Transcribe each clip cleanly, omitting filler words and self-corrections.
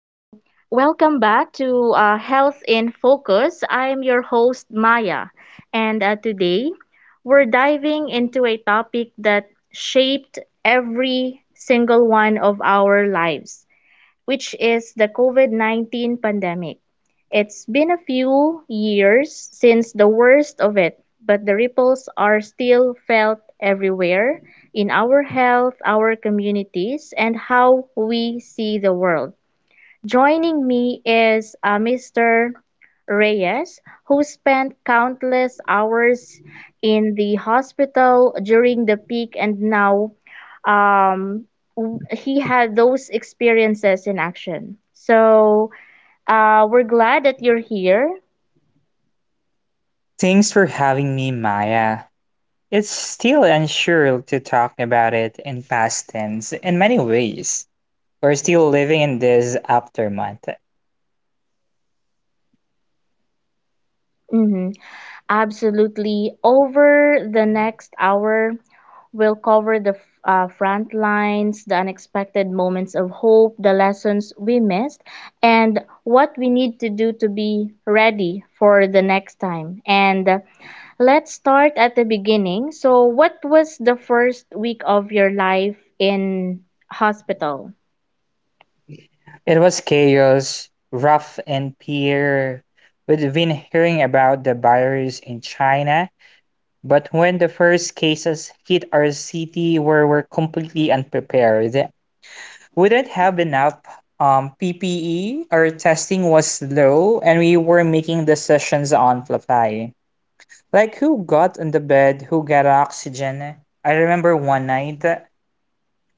welcome back to Health in Focus. I'm your host, Maya, and today we're diving into a topic that shaped every single one of our lives, which is the COVID 19 pandemic. It's been a few years since the worst of it, but the ripples are still felt everywhere in our health, our communities, and how we see the world. Joining me is Mr. Reyes, who spent countless hours in the hospital during the peak, and now um, he had those experiences in action. So we're glad that you're here. Thanks for having me, Maya. It's still unsure to talk about it in past tense in many ways. We're still living in this aftermath. Mhm. Absolutely. Over the next hour, we'll cover the front lines, the unexpected moments of hope, the lessons we missed, and what we need to do to be ready for the next time. And let's start at the beginning. So, what was the first week of your life in hospital? It was chaos, rough and pure. We have been hearing about the virus in China, but when the first cases hit our city, we were completely unprepared. We didn't have enough PPE, our testing was low, and we were making decisions on the fly. Like who got in the bed, who got oxygen. I remember one night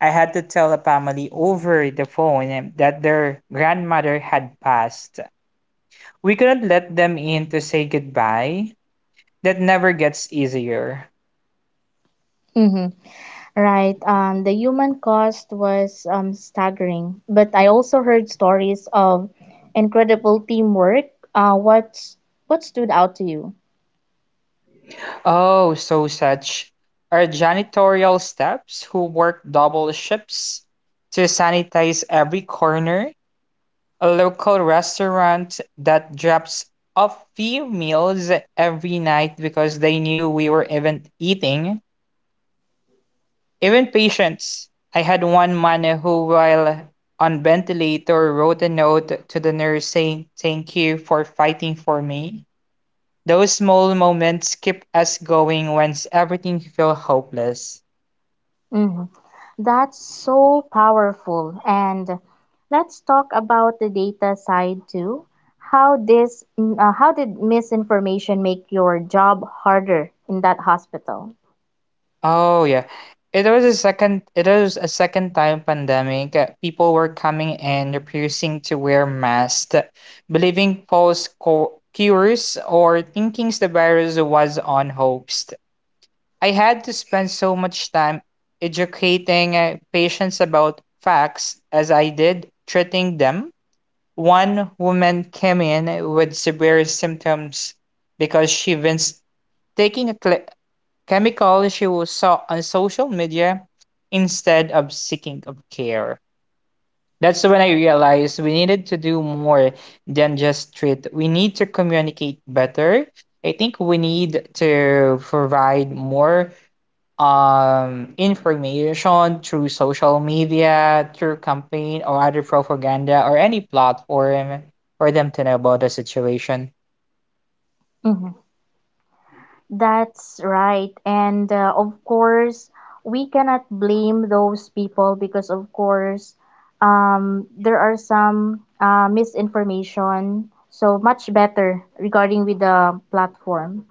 I had to tell a family over the phone that their grandmother had passed. We couldn't let them in to say goodbye. That never gets easier. Mm-hmm. Right. The human cost was staggering, but I also heard stories of incredible teamwork. What stood out to you? Oh, so such are janitorial staffs who work double shifts to sanitize every corner. A local restaurant that drops off few meals every night because they knew we were even eating. Even patients. I had one man who, while on ventilator, wrote a note to the nurse saying, "Thank you for fighting for me." Those small moments keep us going when everything feels hopeless. Mhm. That's so powerful. And let's talk about the data side too. How did misinformation make your job harder in that hospital? Oh yeah. It was a second time pandemic. People were coming and refusing to wear masks, believing cures or thinking the virus was on hoax. I had to spend so much time educating patients about facts as I did treating them. One woman came in with severe symptoms because she was taking a cl- chemical she was saw on social media instead of seeking of care. That's when I realized we needed to do more than just treat. We need to communicate better. I think we need to provide more, information through social media, through campaign or other propaganda or any platform for them to know about the situation. Mhm. That's right. And of course, we cannot blame those people because of course, there are some misinformation. So much better regarding with the platform.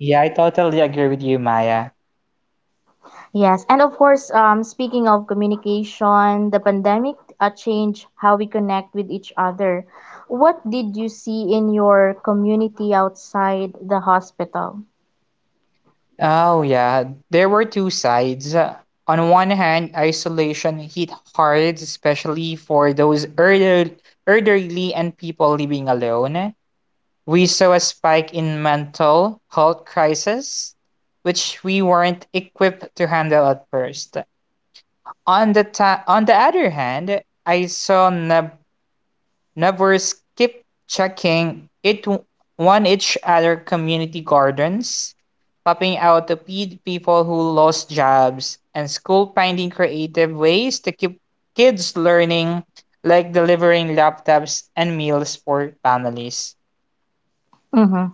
Yeah, I totally agree with you, Maya. Yes, and of course, speaking of communication, the pandemic changed how we connect with each other. What did you see in your community outside the hospital? Oh, yeah, there were two sides. On one hand, isolation hit hard, especially for elderly and people living alone. We saw a spike in mental health crisis, which we weren't equipped to handle at first. On the other hand, I saw neighbors keep checking it one each other community gardens, popping out to feed people who lost jobs, and school finding creative ways to keep kids learning, like delivering laptops and meals for families. Mm-hmm.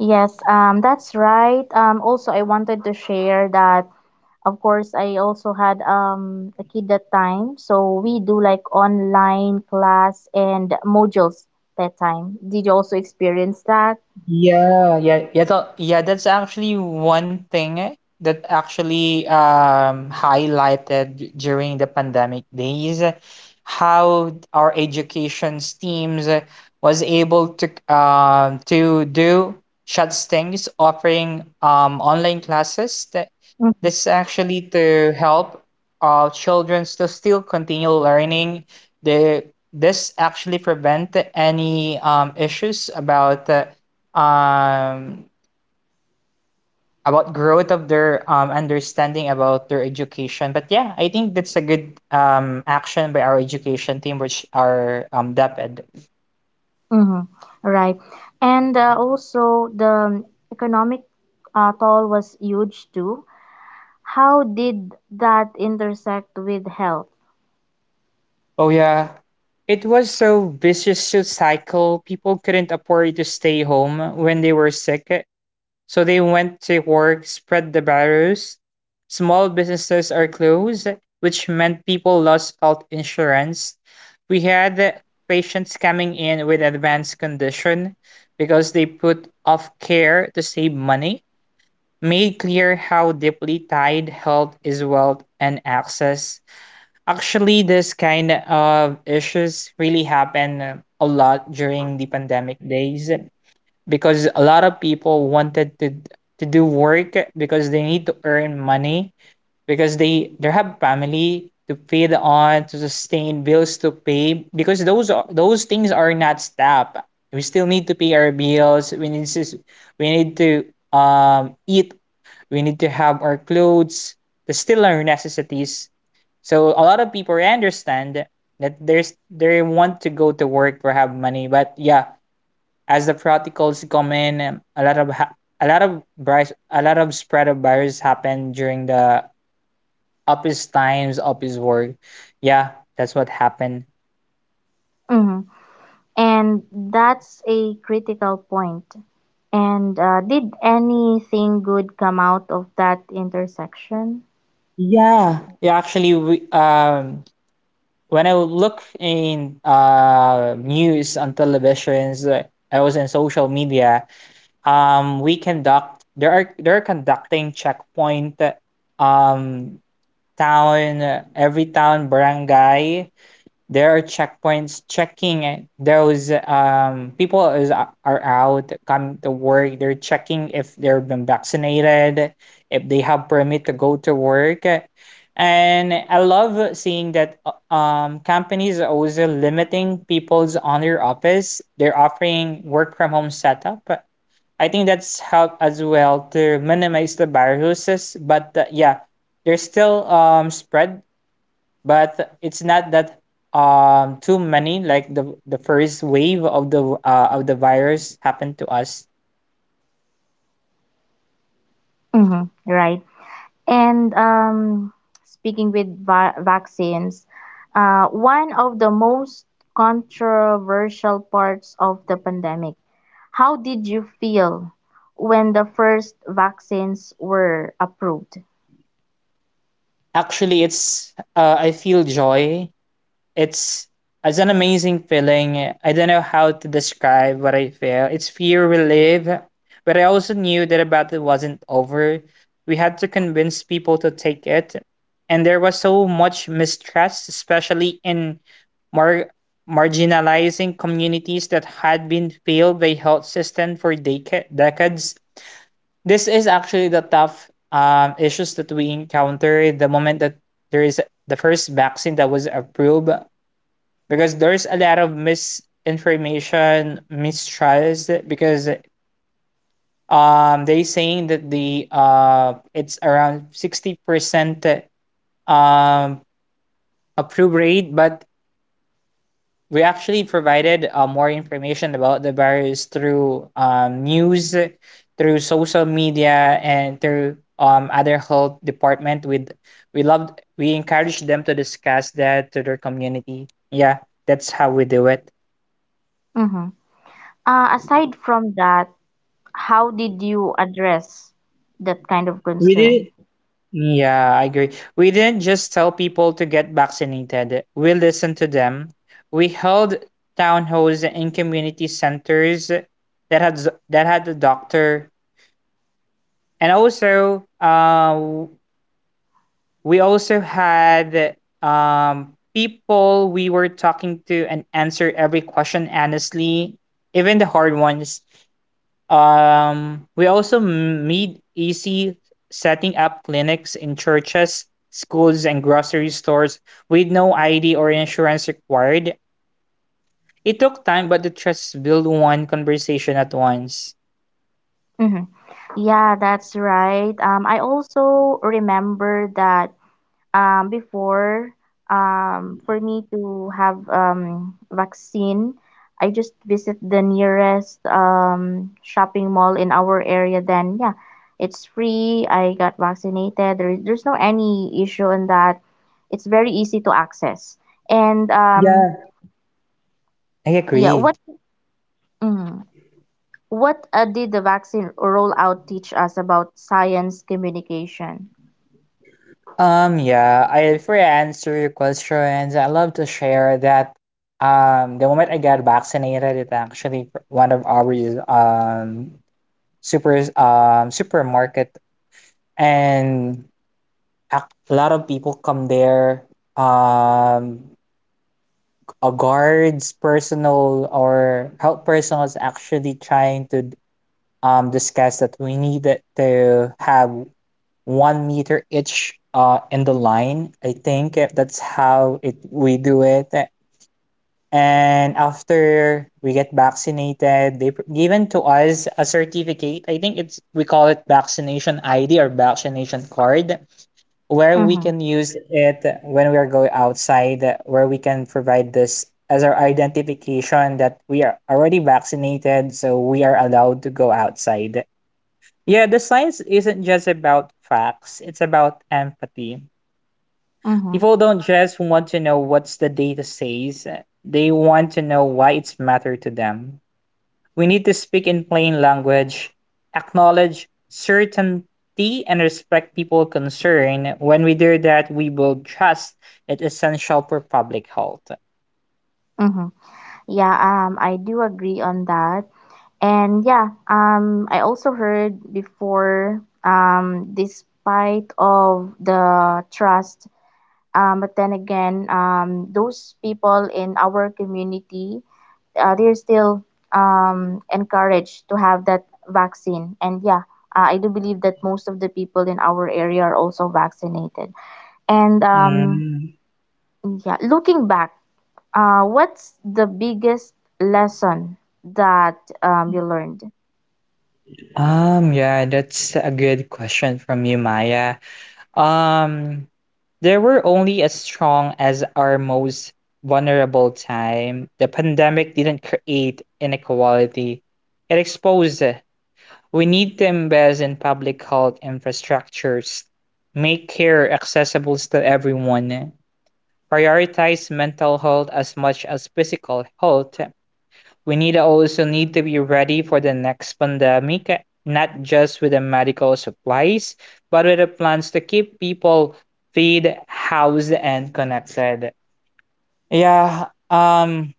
Yes, that's right. Also, I wanted to share that, of course, I also had a kid that time. So we do like online class and modules that time. Did you also experience that? Yeah, yeah, yeah, that's actually one thing that actually highlighted during the pandemic days, how our education teams, was able to do such things, offering online classes that this actually to help children to still continue learning the this actually prevent any issues um about growth of their understanding about their education. But yeah, I think that's a good action by our education team, which are DepEd. Mm-hmm. Right. And also the economic toll was huge too. How did that intersect with health? Oh yeah, it was so vicious so cycle. People couldn't afford to stay home when they were sick, so they went to work, spread the virus. Small businesses are closed, which meant people lost health insurance. We had patients coming in with advanced condition because they put off care to save money. Made clear how deeply tied health is wealth and access. Actually, this kind of issues really happen a lot during the pandemic days because a lot of people wanted to do work because they need to earn money because they have family to feed on, to sustain bills to pay, because those things are not stopped. We still need to pay our bills. We need to eat. We need to have our clothes. There's still our necessities. So a lot of people understand that there's they want to go to work for have money. But yeah, as the protocols come in, a lot of a lot of virus, a lot of spread of virus happened during the office times, office work. Yeah, that's what happened. Mm-hmm. And that's a critical point. And did anything good come out of that intersection? Yeah, yeah. Actually, we when I look in news on televisions, I was in social media. We conduct there are they're conducting checkpoint. Um, town, every town, barangay, there are checkpoints checking it. Those people is are out coming to work. They're checking if they've been vaccinated, if they have permit to go to work, and I love seeing that companies are also limiting people's on their office. They're offering work from home setup. I think that's helped as well to minimize the viruses. But yeah, there's still spread, but it's not that too many like the first wave of the virus happened to us. Mm-hmm. Right. And speaking with vaccines, one of the most controversial parts of the pandemic. How did you feel when the first vaccines were approved? Actually, it's I feel joy. It's it's an amazing feeling. I don't know how to describe what I feel. It's fear relief, but I also knew that the battle wasn't over. We had to convince people to take it, and there was so much mistrust, especially in mar- marginalizing communities that had been failed by health system for decades. This is actually the tough issues that we encounter the moment that there is the first vaccine that was approved because there's a lot of misinformation mistrust because they saying that the it's around 60% um approve rate. But we actually provided more information about the virus through news, through social media, and through other health department. With We loved we encouraged them to discuss that to their community. Yeah, that's how we do it. Hmm. Aside from that, how did you address that kind of We concern? did Yeah, I agree. We didn't just tell people to get vaccinated. We listened to them. We held town halls in community centers that that had a doctor, and also we also had, people we were talking to, and answer every question honestly, even the hard ones. We also made easy setting up clinics in churches, schools, and grocery stores with no ID or insurance required. It took time, but the trust built one conversation at once. Hmm. Yeah, that's right. I also remember that before, for me to have vaccine, I just visit the nearest shopping mall in our area. Then yeah, it's free. I got vaccinated. There's no any issue in that. It's very easy to access. And Yeah. I yeah, agree. Mm, what did the vaccine rollout teach us about science communication? Yeah, I for answer your questions, I love to share that the moment I got vaccinated, it one of our um supermarket and a lot of people come there. um Guards personal or health personnel is actually trying to discuss that we need it to have 1 meter each in the line, I think, that's how it we do it. And after we get vaccinated, they given to us a certificate. I think it's we call it vaccination ID or vaccination card, where we Mm-hmm, can use it when we are going outside, where we can provide this as our identification that we are already vaccinated, so we are allowed to go outside. Yeah, the science isn't just about facts, it's about empathy. mm-hmm, People don't just want to know what the data says, they want to know why it's matter to them. We need to speak in plain language, acknowledge certainty and respect people concern. When we do that, we build trust that's essential for public health. mm-hmm. Yeah, I do agree on that. And yeah, I also heard before, despite of the trust, but then again, those people in our community, they're still encouraged to have that vaccine. And yeah, I do believe that most of the people in our area are also vaccinated. And Mm. yeah, looking back, what's the biggest lesson that you learned? Yeah, that's a good question from you, Maya. Um, there were only as strong as our most vulnerable time. The pandemic didn't create inequality, it exposed it. We need to invest in public health infrastructures, make care accessible to everyone, prioritize mental health as much as physical health. We need also need to be ready for the next pandemic, not just with the medical supplies but with the plans to keep people fed housed and connected. yeah um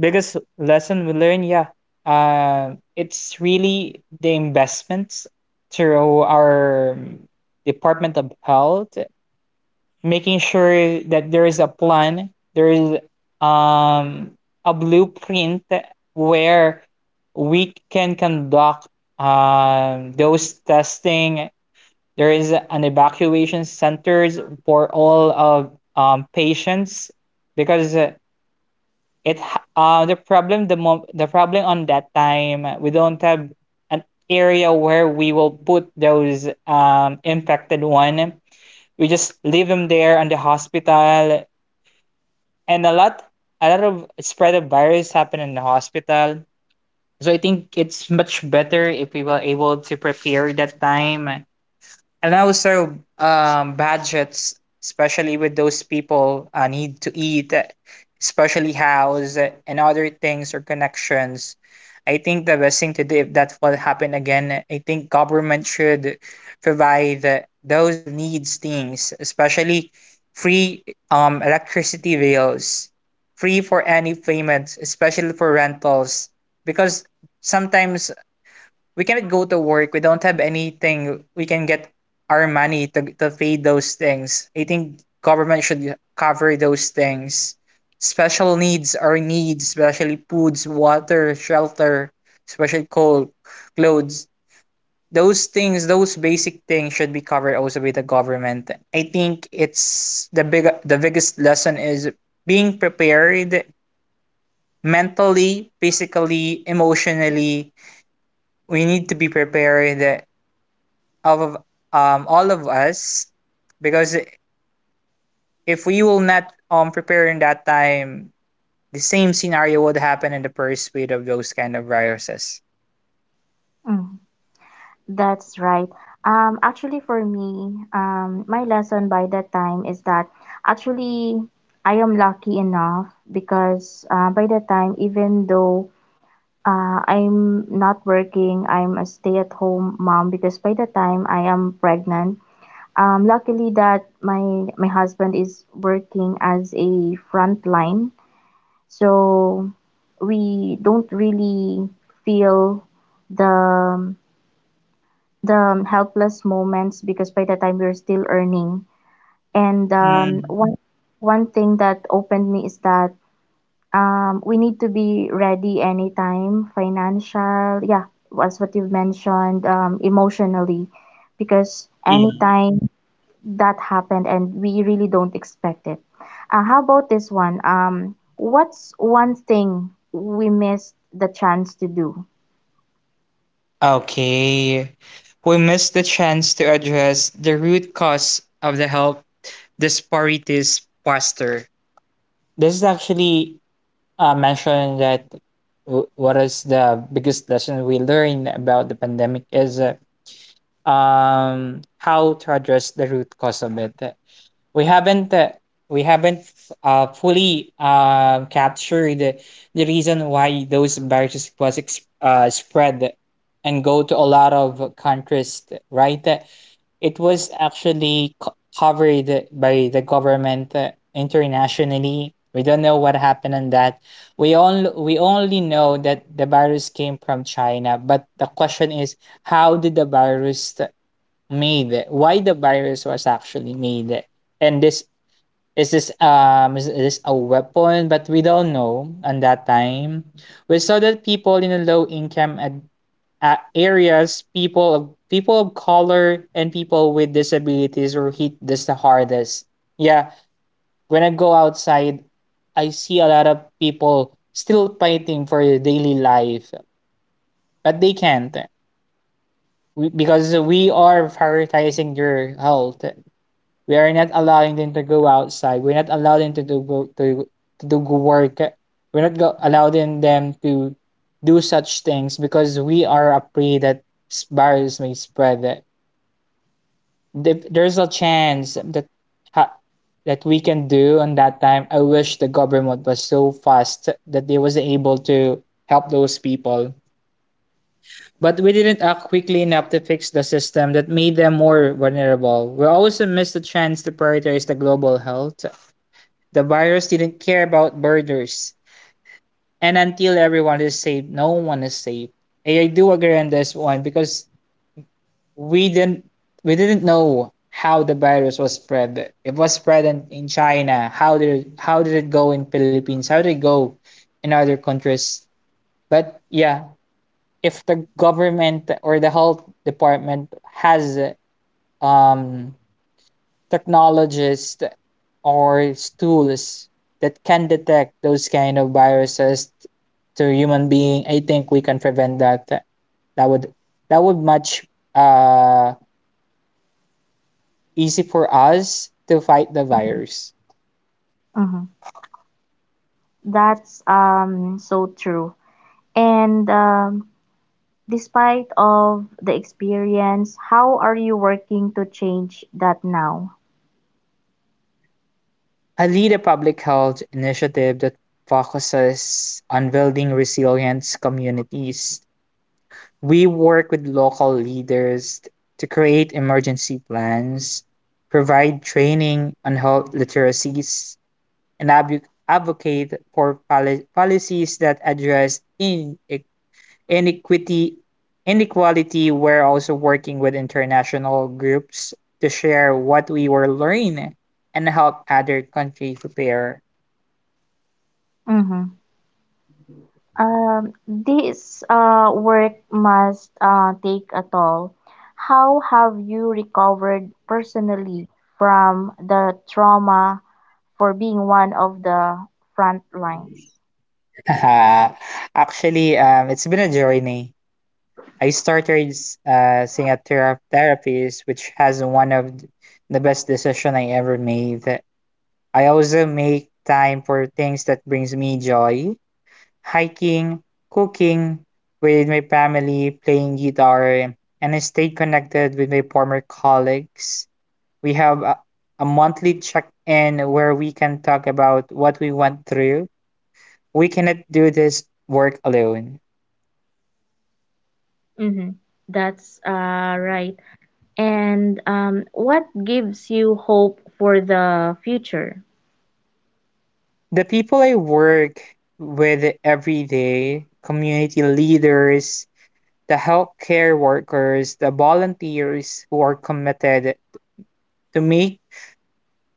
Biggest lesson we learned, yeah, it's really the investments through our department of health, making sure that there is a plan, there is, um, a blueprint where we can conduct, those testing. There is an evacuation centers for all of patients because, it the problem the problem on that time, we don't have an area where we will put those infected one. We just leave them there in the hospital, and a lot of spread of virus happen in the hospital. So I think it's much better if we were able to prepare that time. And also, budgets, especially with those people need to eat, especially house, and other things or connections. I think the best thing to do if that will happen again, I think government should provide, those needs things, especially free electricity bills, free for any payments, especially for rentals, because sometimes we cannot go to work. We don't have anything. We can get our money to pay those things. I think government should cover those things. Special needs are needs, especially foods, water, shelter, especially coal, clothes. Those things, those basic things, should be covered also by the government. I think it's the biggest lesson is being prepared mentally, physically, emotionally. We need to be prepared of all of us because if we will not prepare in that time, the same scenario would happen in the first wave of those kind of viruses. That's right. Actually, for me, my lesson by that time is that actually I am lucky enough because by that time, even though I'm not working, I'm a stay-at-home mom, because by the time I am pregnant, luckily that my husband is working as a frontline, so we don't really feel the the helpless moments because by the time we are still earning. And um, Mm, one one thing that opened me is that we need to be ready anytime, financial, yeah, as what you've mentioned, emotionally, because yeah. anytime that happened and we really don't expect it. How about this one? What's one thing we missed the chance to do? Okay. We missed the chance to address the root cause of the health disparities faster. This is actually mentioned that what is the biggest lesson we learned about the pandemic is how to address the root cause of it. We haven't uh, we haven't fully captured the reason why those viruses was spread and go to a lot of countries, right. It was actually covered by the government. Internationally, we don't know what happened on that. We only know that the virus came from China, but the question is, how did the virus made, why the virus was actually made, and this is this is this a weapon? But we don't know on that time. We saw that people in the low income areas, people of color and people with disabilities were hit this the hardest, yeah. When I go outside, I see a lot of people still fighting for their daily life, but they can't, because we are prioritizing your health. We are not allowing them to go outside. We're not allowing them to do go work. We're not go, allowing them to do such things because we are afraid that virus may spread. If there's a chance that ha- that we can do on that time, I wish the government was so fast that they was able to help those people. But we didn't act quickly enough to fix the system that made them more vulnerable. We also missed the chance to prioritize the global health. The virus didn't care about borders. And until everyone is safe, no one is safe. I do agree on this one because we didn't we didn't know how the virus was spread. It was spread in China. How did it go in Philippines? How did it go in other countries? But yeah, if the government or the health department has um technologies or tools that can detect those kind of viruses to human being, I think we can prevent that. That would that would much uh easy for us to fight the virus. Mhm. That's so true. And despite of the experience, how are you working to change that now? I lead a public health initiative that focuses on building resilient communities. We work with local leaders to create emergency plans, provide training on health literacies, and advocate for policies that address inequity, inequality. We're also working with international groups to share what we were learning and help other countries prepare. Mm-hmm. This work must take a toll. How have you recovered personally from the trauma for being one of the front lines? Actually, it's been a journey. I started seeing a therapist, which has one of the best decision I ever made. I also make time for things that brings me joy: hiking, cooking with my family, playing guitar, and I stayed connected with my former colleagues. We have a monthly check in where we can talk about what we went through. We cannot do this work alone. Mm-hmm. That's right. And what gives you hope for the future? The people I work with every day, community leaders, the healthcare workers, the volunteers who are committed to make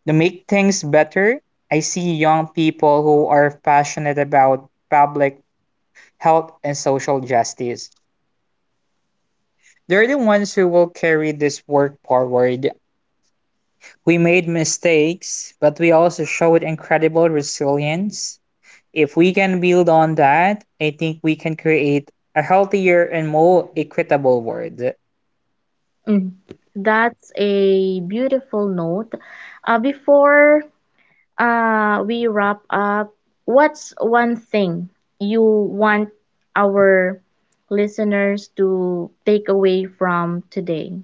to make things better. I see young people who are passionate about public health and social justice. They're the ones who will carry this work forward. We made mistakes, but we also showed incredible resilience. If we can build on that, I think we can create a healthier and more equitable world. Mm. That's a beautiful note. Before we wrap up, what's one thing you want our listeners to take away from today?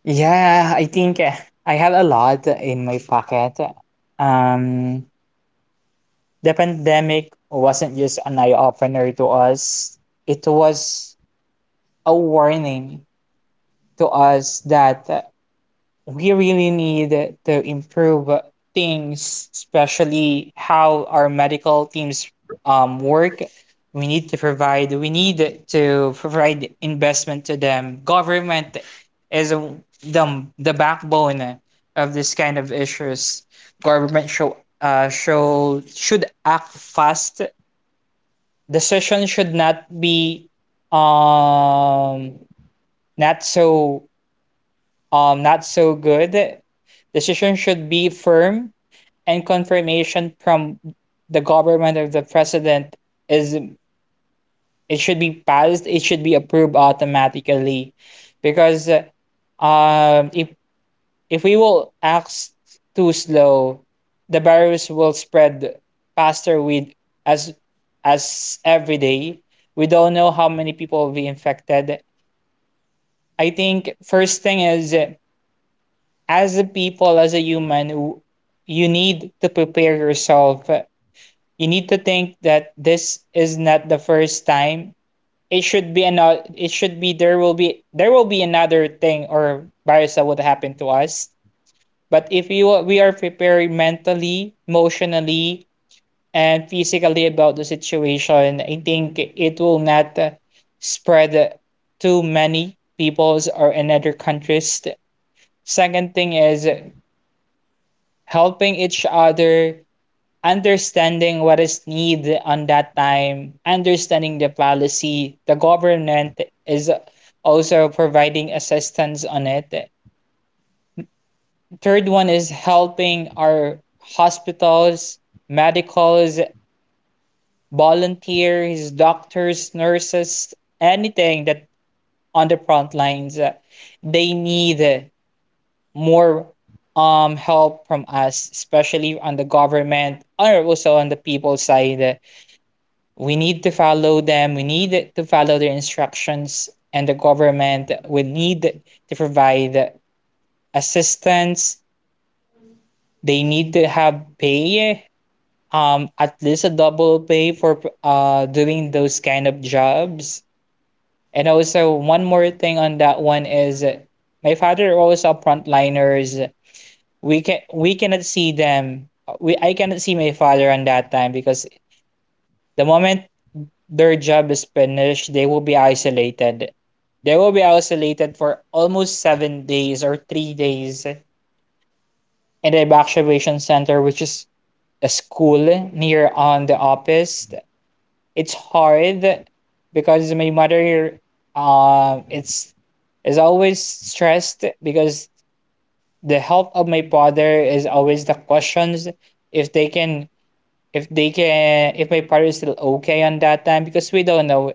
Yeah, I think I had a lot in my pocket. Um, the pandemic wasn't just an eye opener to us, it was a warning to us that we really need to improve things, especially how our medical teams work. We need to provide investment to them. Government is the backbone of this kind of issues. Government should act fast. Decision should not be um, not so not so good. Decision should be firm and confirmation from the government or the president is it should be passed, it should be approved automatically. Because um if if we will act too slow, the virus will spread faster with as as every day. We don't know how many people will be infected. I think first thing is as a people, as a human, you need to prepare yourself. You need to think that this is not the first time. It should be another. It should be there will be another thing or virus that would happen to us. But if we are prepared mentally, emotionally, and physically about the situation, I think it will not spread to many peoples or in other countries. Second thing is helping each other, understanding what is needed on that time, understanding the policy. The government is also providing assistance on it. Third one is helping our hospitals, medicals, volunteers, doctors, nurses, anything that on the front lines they need more help from us, especially on the government or also on the people side. We need to follow them. We need to follow their instructions, and the government will need to provide assistance. They need to have pay, at least a double pay for doing those kind of jobs. And also one more thing on that one is my father was a frontliners. We cannot see them. We I cannot see my father on that time because the moment their job is finished, they will be isolated. They will be isolated for almost 7 days or 3 days in the evacuation center, which is a school near on the office. It's hard because my mother, it's is always stressed because the health of my father is always the questions, if they can if they can if my partner is still okay on that time because we don't know.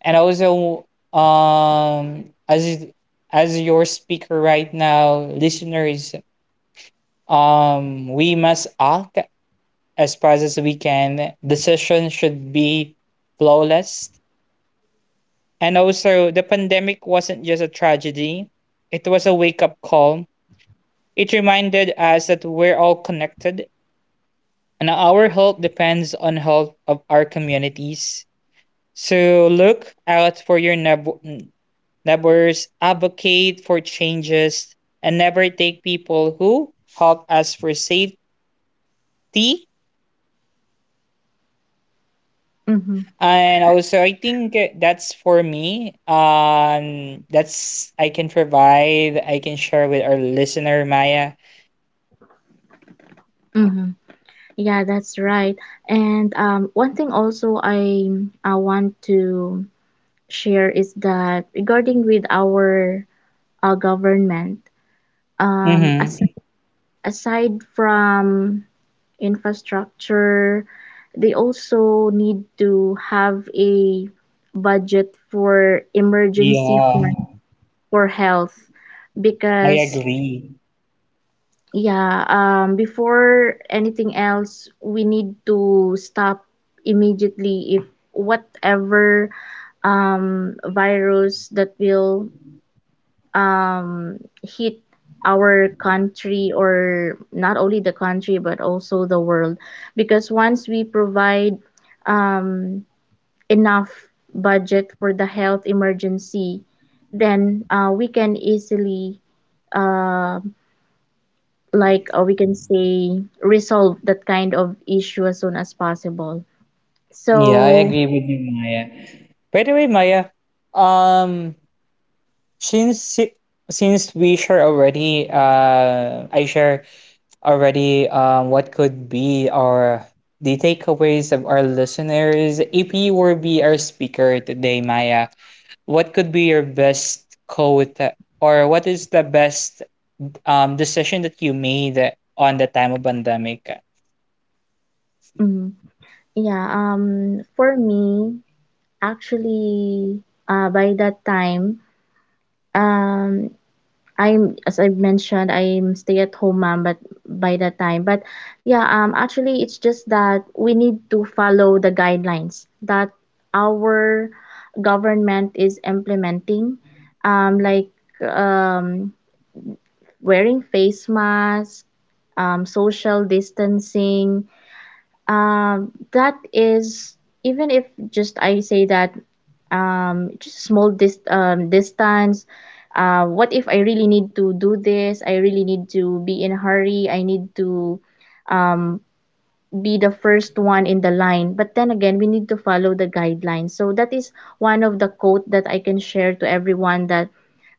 And also, um as is- as your speaker right now, listeners, we must act as fast as we can. Decision should be flawless. And also, the pandemic wasn't just a tragedy, it was a wake up call. It reminded us that we're all connected and our health depends on health of our communities. So look out for your neighbors, advocate for changes, and never take people who help us for safety. Mm-hmm. And also, I think that's for me. That's I can provide. I can share with our listener, Maya. Mm-hmm. Yeah, that's right. And um, one thing also I want to share is that regarding with our government, um, Mm-hmm. aside, aside from infrastructure. They also need to have a budget for emergency, Yeah, for health, I because agree. yeah, before anything else, we need to stop immediately if whatever virus that will um, hit our country, or not only the country but also the world, because once we provide um, enough budget for the health emergency, then we can easily uh, we can say resolve that kind of issue as soon as possible. Yeah, I So agree with you, Maya. By the way, Maya, um, Since it- since we share already, I share already what could be our the takeaways of our listeners. If you were be our speaker today, Maya, what could be your best quote or what is the best decision that you made on the time of pandemic? mhm. Yeah, for me actually, by that time, um I'm, as I mentioned, I'm stay at home mom, but by that time, but yeah, actually, it's just that we need to follow the guidelines that our government is implementing, like um, wearing face mask, social distancing. That is, even if just I say that just small distance, uh, what if I really need to do this, I really need to be in a hurry, I need to um be the first one in the line, but then again we need to follow the guidelines. So that is one of the quote that I can share to everyone, that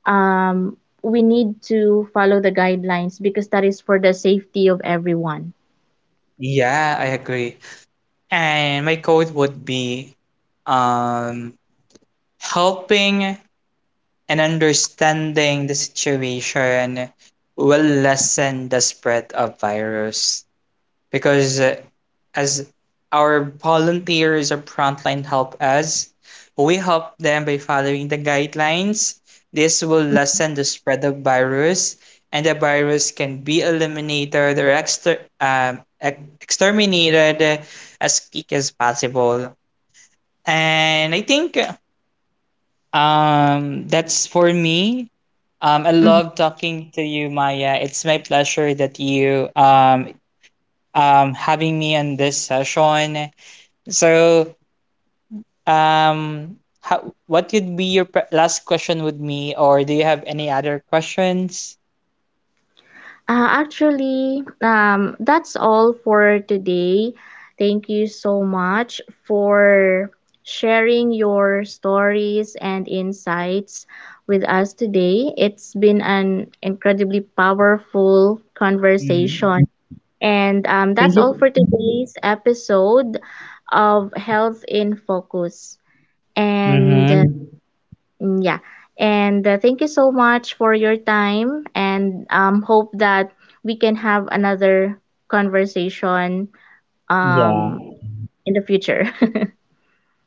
um we need to follow the guidelines because that is for the safety of everyone. Yeah, I agree. And my quote would be um helping and understanding the situation will lessen the spread of virus because as our volunteers or frontline help us, we help them by following the guidelines. This will lessen the spread of virus, and the virus can be eliminated or exterminated as quick as possible. And I think that's for me. I love talking to you, Maya. It's my pleasure that you having me on this session. So what would be your last question with me, or do you have any other questions? Actually, that's all for today. Thank you so much for sharing your stories and insights with us today. It's been an incredibly powerful conversation. Hmm. And that's Thank all for you. today's episode of Health in Focus. And Mm-hmm. mm, yeah. And thank you so much for your time, and hope that we can have another conversation um, Yeah. in the future.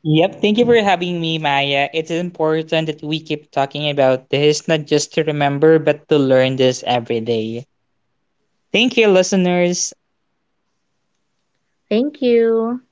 Yep. Thank you for having me, Maya. It's important that we keep talking about this, not just to remember, but to learn this every day. Thank you, listeners. Thank you.